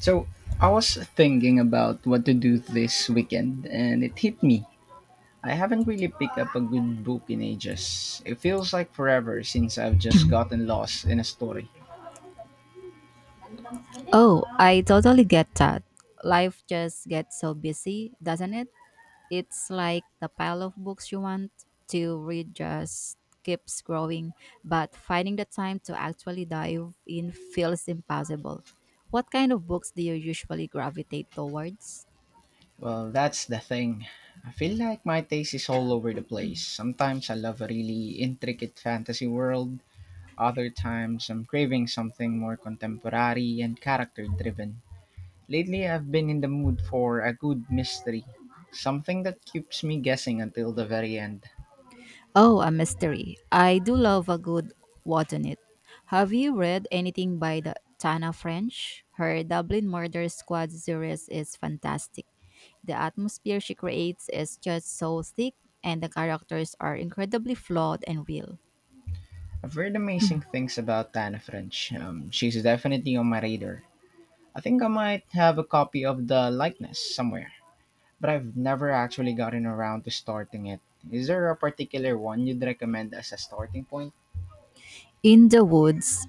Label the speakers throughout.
Speaker 1: So I was thinking about what to do this weekend, and it hit me. I haven't really picked up a good book in ages. It feels like forever since I've just gotten lost in a story.
Speaker 2: Oh, I totally get that. Life just gets so busy, doesn't it? It's like the pile of books you want to read just keeps growing, but finding the time to actually dive in feels impossible. What kind of books do you usually gravitate towards?
Speaker 1: Well, that's the thing. I feel like my taste is all over the place. Sometimes I love a really intricate fantasy world, other times I'm craving something more contemporary and character driven. Lately, I've been in the mood for a good mystery, something that keeps me guessing until the very end.
Speaker 2: Oh, a mystery. I do love a good what on it. Have you read anything by the Tana French? Her Dublin Murder Squad series is fantastic. The atmosphere she creates is just so thick, and the characters are incredibly flawed and real.
Speaker 1: I've heard amazing things about Tana French. She's definitely on my radar. I think I might have a copy of the likeness somewhere, but I've never actually gotten around to starting it. Is there a particular one you'd recommend as a starting point?
Speaker 2: In the Woods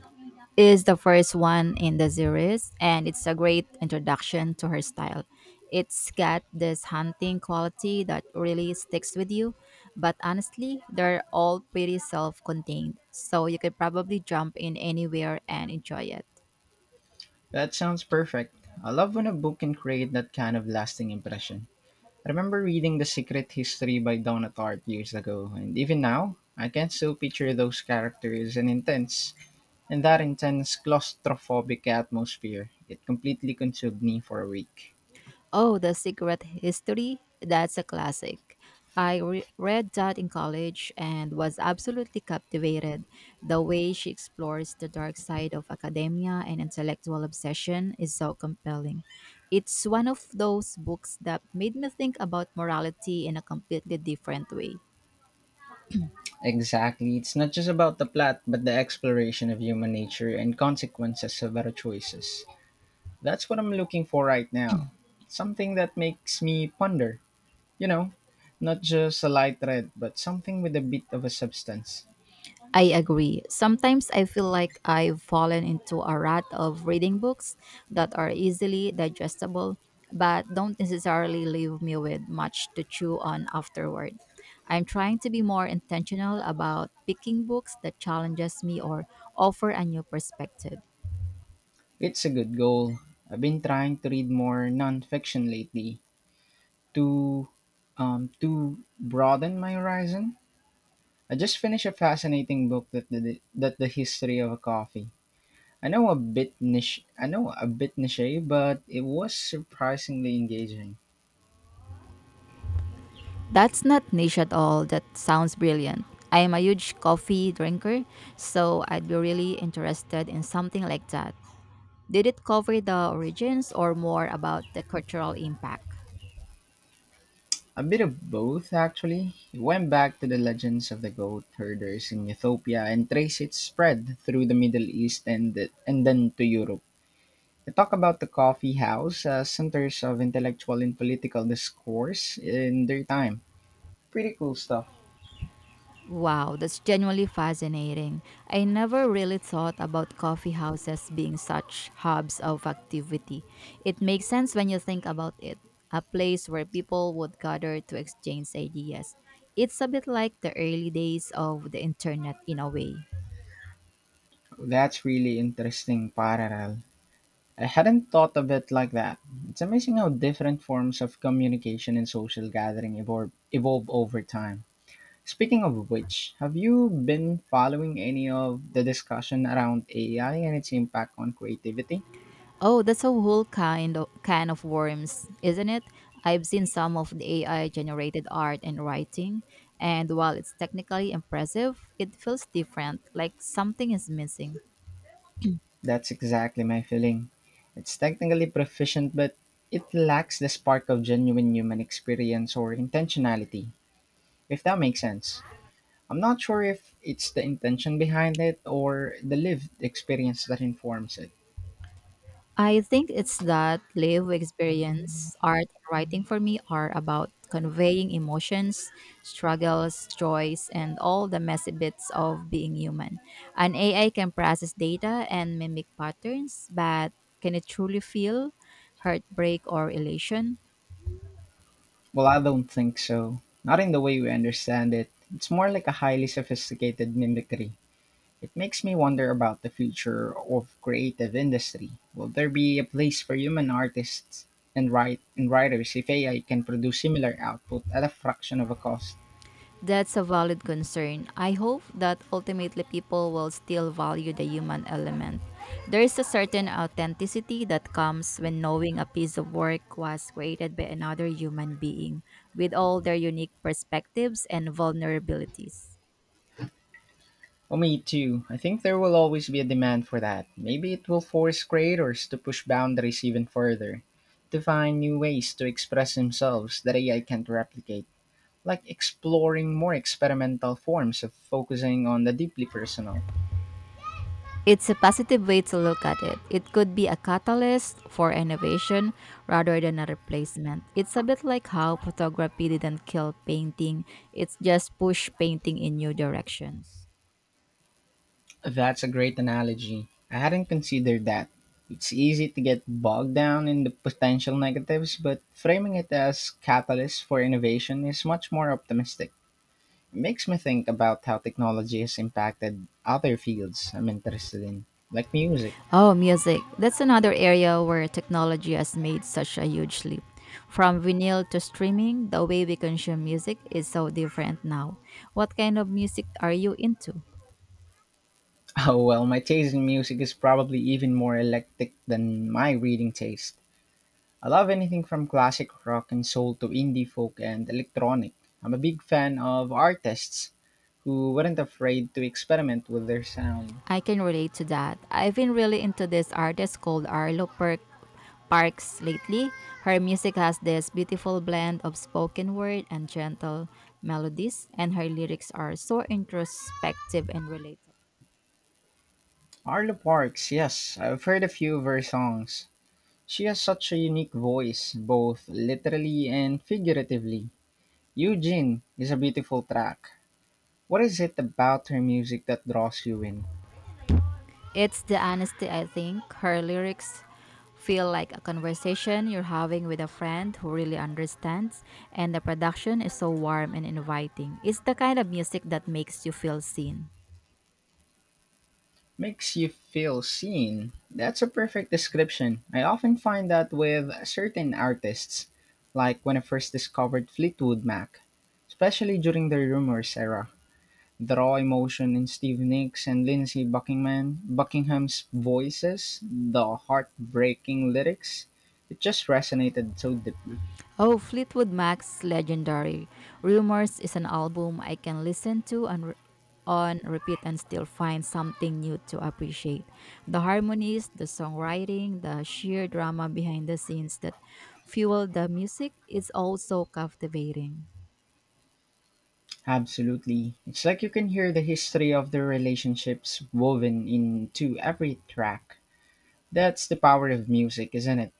Speaker 2: is the first one in the series, and it's a great introduction to her style. It's got this hunting quality that really sticks with you, but honestly, they're all pretty self contained, so you could probably jump in anywhere and enjoy it.
Speaker 1: That sounds perfect. I love when a book can create that kind of lasting impression. I remember reading The Secret History by Donna Tartt years ago, and even now, I can still picture those characters and intents. In that intense claustrophobic atmosphere, it completely consumed me for a week.
Speaker 2: Oh, The Secret History? That's a classic. I read that in college and was absolutely captivated. The way she explores the dark side of academia and intellectual obsession is so compelling. It's one of those books that made me think about morality in a completely different way.
Speaker 1: Exactly. It's not just about the plot, but the exploration of human nature and consequences of our choices. That's what I'm looking for right now. Something that makes me ponder, you know, not just a light read, but something with a bit of a substance.
Speaker 2: I agree. Sometimes I feel like I've fallen into a rut of reading books that are easily digestible but don't necessarily leave me with much to chew on afterward. I'm trying to be more intentional about picking books that challenges me or offer a new perspective.
Speaker 1: It's a good goal. I've been trying to read more nonfiction lately to to broaden my horizon. I just finished a fascinating book that the history of coffee. I know a bit niche, but it was surprisingly engaging.
Speaker 2: That's not niche at all. That sounds brilliant. I am a huge coffee drinker, so I'd be really interested in something like that. Did it cover the origins or more about the cultural impact?
Speaker 1: A bit of both, actually. It went back to the legends of the goat herders in Ethiopia and traced its spread through the Middle East and then to Europe. They talk about the coffee house as centers of intellectual and political discourse in their time. Pretty cool stuff.
Speaker 2: Wow, that's genuinely fascinating. I never really thought about coffee houses being such hubs of activity. It makes sense when you think about it a place where people would gather to exchange ideas. It's a bit like the early days of the internet in a way.
Speaker 1: That's really interesting parallel. I hadn't thought of it like that. It's amazing how different forms of communication and social gathering evolve over time. Speaking of which, have you been following any of the discussion around AI and its impact on creativity?
Speaker 2: Oh, that's a whole kind of can of worms, isn't it? I've seen some of the AI generated art and writing, and while it's technically impressive, it feels different, like something is missing.
Speaker 1: That's exactly my feeling. It's technically proficient, but it lacks the spark of genuine human experience or intentionality, if that makes sense. I'm not sure if it's the intention behind it or the lived experience that informs it.
Speaker 2: I think it's that live experience, art and writing for me are about conveying emotions, struggles, joys, and all the messy bits of being human. An AI can process data and mimic patterns, but can it truly feel heartbreak or elation?
Speaker 1: Well, I don't think so. Not in the way we understand it. It's more like a highly sophisticated mimicry. It makes me wonder about the future of creative industry. Will there be a place for human artists and writers if AI can produce similar output at a fraction of a cost?
Speaker 2: That's a valid concern. I hope that ultimately people will still value the human element. There is a certain authenticity that comes when knowing a piece of work was created by another human being with all their unique perspectives and vulnerabilities.
Speaker 1: Oh, me too. I think there will always be a demand for that. Maybe it will force creators to push boundaries even further, to find new ways to express themselves that AI can't replicate, like exploring more experimental forms of focusing on the deeply personal.
Speaker 2: It's a positive way to look at it. It could be a catalyst for innovation rather than a replacement. It's a bit like how photography didn't kill painting, it's just pushed painting in new directions.
Speaker 1: That's a great analogy. I hadn't considered that. It's easy to get bogged down in the potential negatives, but framing it as catalyst for innovation is much more optimistic. It makes me think about how technology has impacted other fields I'm interested in, like music.
Speaker 2: Oh, music. That's another area where technology has made such a huge leap. From vinyl to streaming, the way we consume music is so different now. What kind of music are you into?
Speaker 1: Oh well, my taste in music is probably even more eclectic than my reading taste. I love anything from classic rock and soul to indie folk and electronic. I'm a big fan of artists who weren't afraid to experiment with their sound.
Speaker 2: I can relate to that. I've been really into this artist called Arlo Parks lately. Her music has this beautiful blend of spoken word and gentle melodies, and her lyrics are so introspective and relatable.
Speaker 1: Arlo Parks, yes, I've heard a few of her songs. She has such a unique voice, both literally and figuratively. Eugene is a beautiful track. What is it about her music that draws you in?
Speaker 2: It's the honesty, I think. Her lyrics feel like a conversation you're having with a friend who really understands, and the production is so warm and inviting. It's the kind of music that makes you feel seen.
Speaker 1: Makes you feel seen. That's a perfect description. I often find that with certain artists, like when I first discovered Fleetwood Mac, especially during the Rumors era. The raw emotion in Steve Nicks and Lindsey Buckingham's voices, the heartbreaking lyrics, it just resonated so deeply.
Speaker 2: Oh, Fleetwood Mac's legendary. Rumors is an album I can listen to and on repeat and still find something new to appreciate. The harmonies, the songwriting, the sheer drama behind the scenes that fuel the music is also captivating.
Speaker 1: Absolutely. It's like you can hear the history of their relationships woven into every track. That's the power of music, isn't it?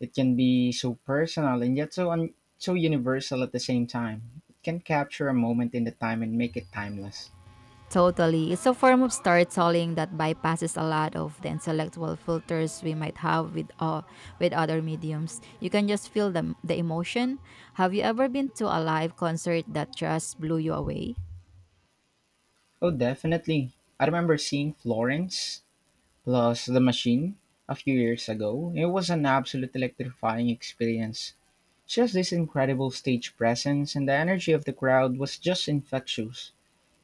Speaker 1: It can be so personal and yet so universal at the same time. It can capture a moment in the time and make it timeless.
Speaker 2: Totally. It's a form of storytelling that bypasses a lot of the intellectual filters we might have with other mediums. You can just feel the emotion. Have you ever been to a live concert that just blew you away?
Speaker 1: Oh, definitely. I remember seeing Florence plus The Machine a few years ago. It was an absolute electrifying experience. She has this incredible stage presence, and the energy of the crowd was just infectious.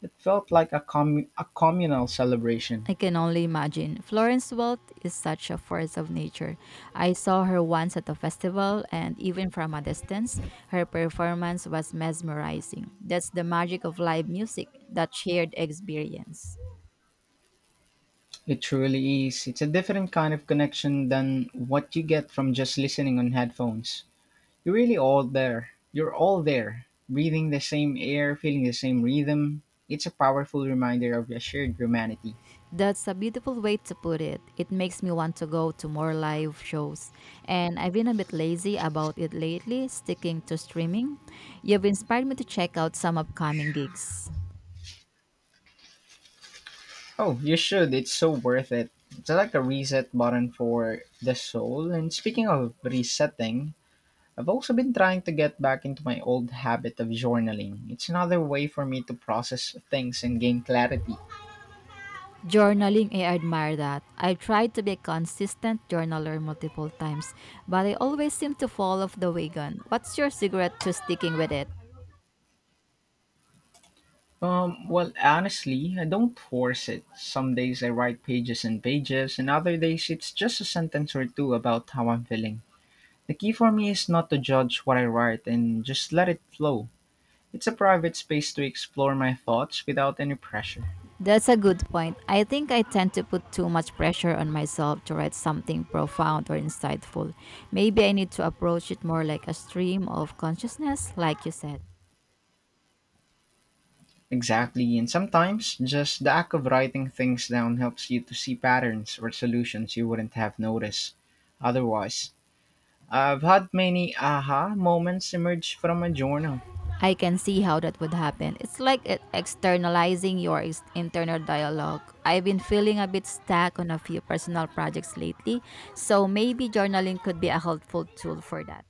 Speaker 1: It felt like a communal celebration.
Speaker 2: I can only imagine. Florence Welch is such a force of nature. I saw her once at a festival, and even from a distance, her performance was mesmerizing. That's the magic of live music, that shared experience.
Speaker 1: It truly is. It's a different kind of connection than what you get from just listening on headphones. You're really all there. You're all there, breathing the same air, feeling the same rhythm. It's a powerful reminder of your shared humanity.
Speaker 2: That's a beautiful way to put it. It makes me want to go to more live shows. And I've been a bit lazy about it lately, sticking to streaming. You've inspired me to check out some upcoming gigs.
Speaker 1: Oh, you should. It's so worth it. It's like a reset button for the soul. And speaking of resetting, I've also been trying to get back into my old habit of journaling. It's another way for me to process things and gain clarity.
Speaker 2: Journaling, I admire that. I've tried to be a consistent journaler multiple times, but I always seem to fall off the wagon. What's your secret to sticking with it?
Speaker 1: Well, honestly, I don't force it. Some days I write pages and pages, and other days it's just a sentence or two about how I'm feeling. The key for me is not to judge what I write and just let it flow. It's a private space to explore my thoughts without any pressure.
Speaker 2: That's a good point. I think I tend to put too much pressure on myself to write something profound or insightful. Maybe I need to approach it more like a stream of consciousness, like you said.
Speaker 1: Exactly, and sometimes just the act of writing things down helps you to see patterns or solutions you wouldn't have noticed otherwise. I've had many aha moments emerge from my journal.
Speaker 2: I can see how that would happen. It's like externalizing your internal dialogue. I've been feeling a bit stuck on a few personal projects lately, so maybe journaling could be a helpful tool for that.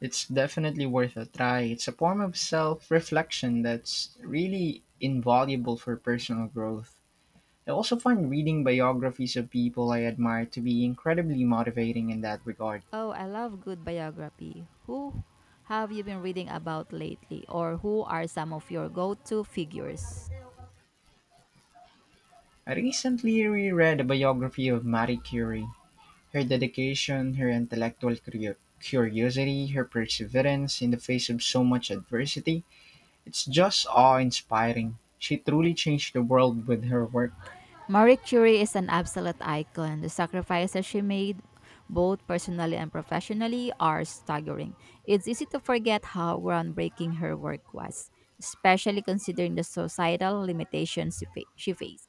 Speaker 1: It's definitely worth a try. It's a form of self reflection that's really invaluable for personal growth. I also find reading biographies of people I admire to be incredibly motivating in that regard.
Speaker 2: Oh, I love good biography. Who have you been reading about lately, or who are some of your go to figures?
Speaker 1: I recently reread a biography of Marie Curie. Her dedication, her intellectual curiosity, her perseverance in the face of so much adversity, it's just awe inspiring. She truly changed the world with her work.
Speaker 2: Marie Curie is an absolute icon. The sacrifices she made, both personally and professionally, are staggering. It's easy to forget how groundbreaking her work was, especially considering the societal limitations she faced.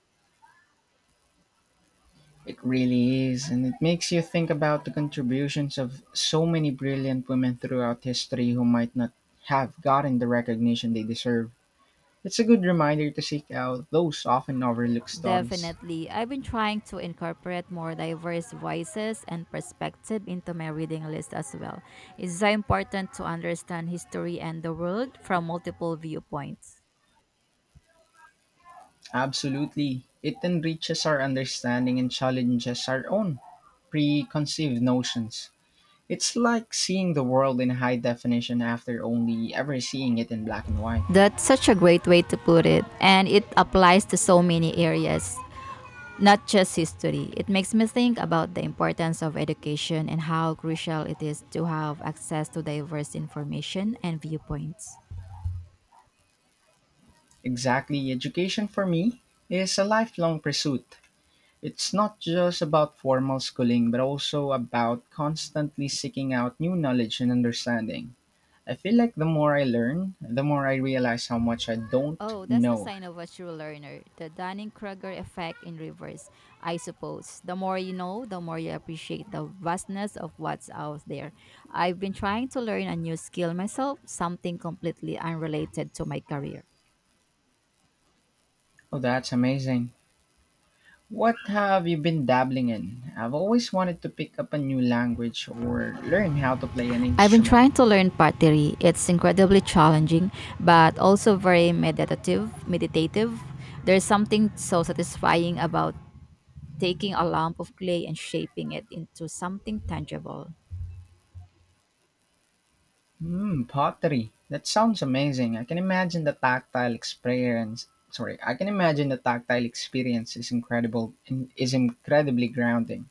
Speaker 1: It really is, and it makes you think about the contributions of so many brilliant women throughout history who might not have gotten the recognition they deserve. It's a good reminder to seek out those often overlooked stories.
Speaker 2: Definitely. I've been trying to incorporate more diverse voices and perspective into my reading list as well. It's so important to understand history and the world from multiple viewpoints.
Speaker 1: Absolutely. It enriches our understanding and challenges our own preconceived notions. It's like seeing the world in high definition after only ever seeing it in black and white.
Speaker 2: That's such a great way to put it, and it applies to so many areas, not just history. It makes me think about the importance of education and how crucial it is to have access to diverse information and viewpoints.
Speaker 1: Exactly, education for me is a lifelong pursuit. It's not just about formal schooling, but also about constantly seeking out new knowledge and understanding. I feel like the more I learn, the more I realize how much I don't
Speaker 2: Oh, that's the
Speaker 1: know.
Speaker 2: sign of a true learner. The Dunning-Kruger effect in reverse, I suppose. The more you know, the more you appreciate the vastness of what's out there. I've been trying to learn a new skill myself, something completely unrelated to my career.
Speaker 1: Oh, that's amazing. What have you been dabbling in? I've always wanted to pick up a new language or learn how to play an
Speaker 2: I've been
Speaker 1: instrument.
Speaker 2: trying to learn pottery. It's incredibly challenging, but also very meditative. There's something so satisfying about taking a lump of clay and shaping it into something tangible.
Speaker 1: Hmm, pottery. That sounds amazing. I can imagine the tactile experience is incredible and is incredibly grounding.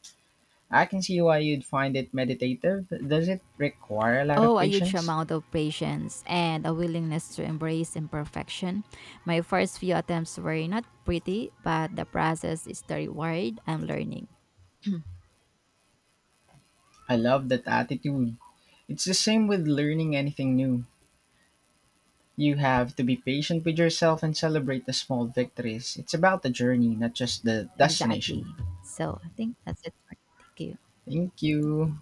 Speaker 1: I can see why you'd find it meditative. Does it require a lot of
Speaker 2: Oh, a huge
Speaker 1: patience?
Speaker 2: amount of patience and a willingness to embrace imperfection. My first few attempts were not pretty, but the process is the reward I'm learning.
Speaker 1: I love that attitude. It's the same with learning anything new. You have to be patient with yourself and celebrate the small victories. It's about the journey, not just the
Speaker 2: Exactly.
Speaker 1: destination.
Speaker 2: So I think that's it for. Thank you.
Speaker 1: Thank you.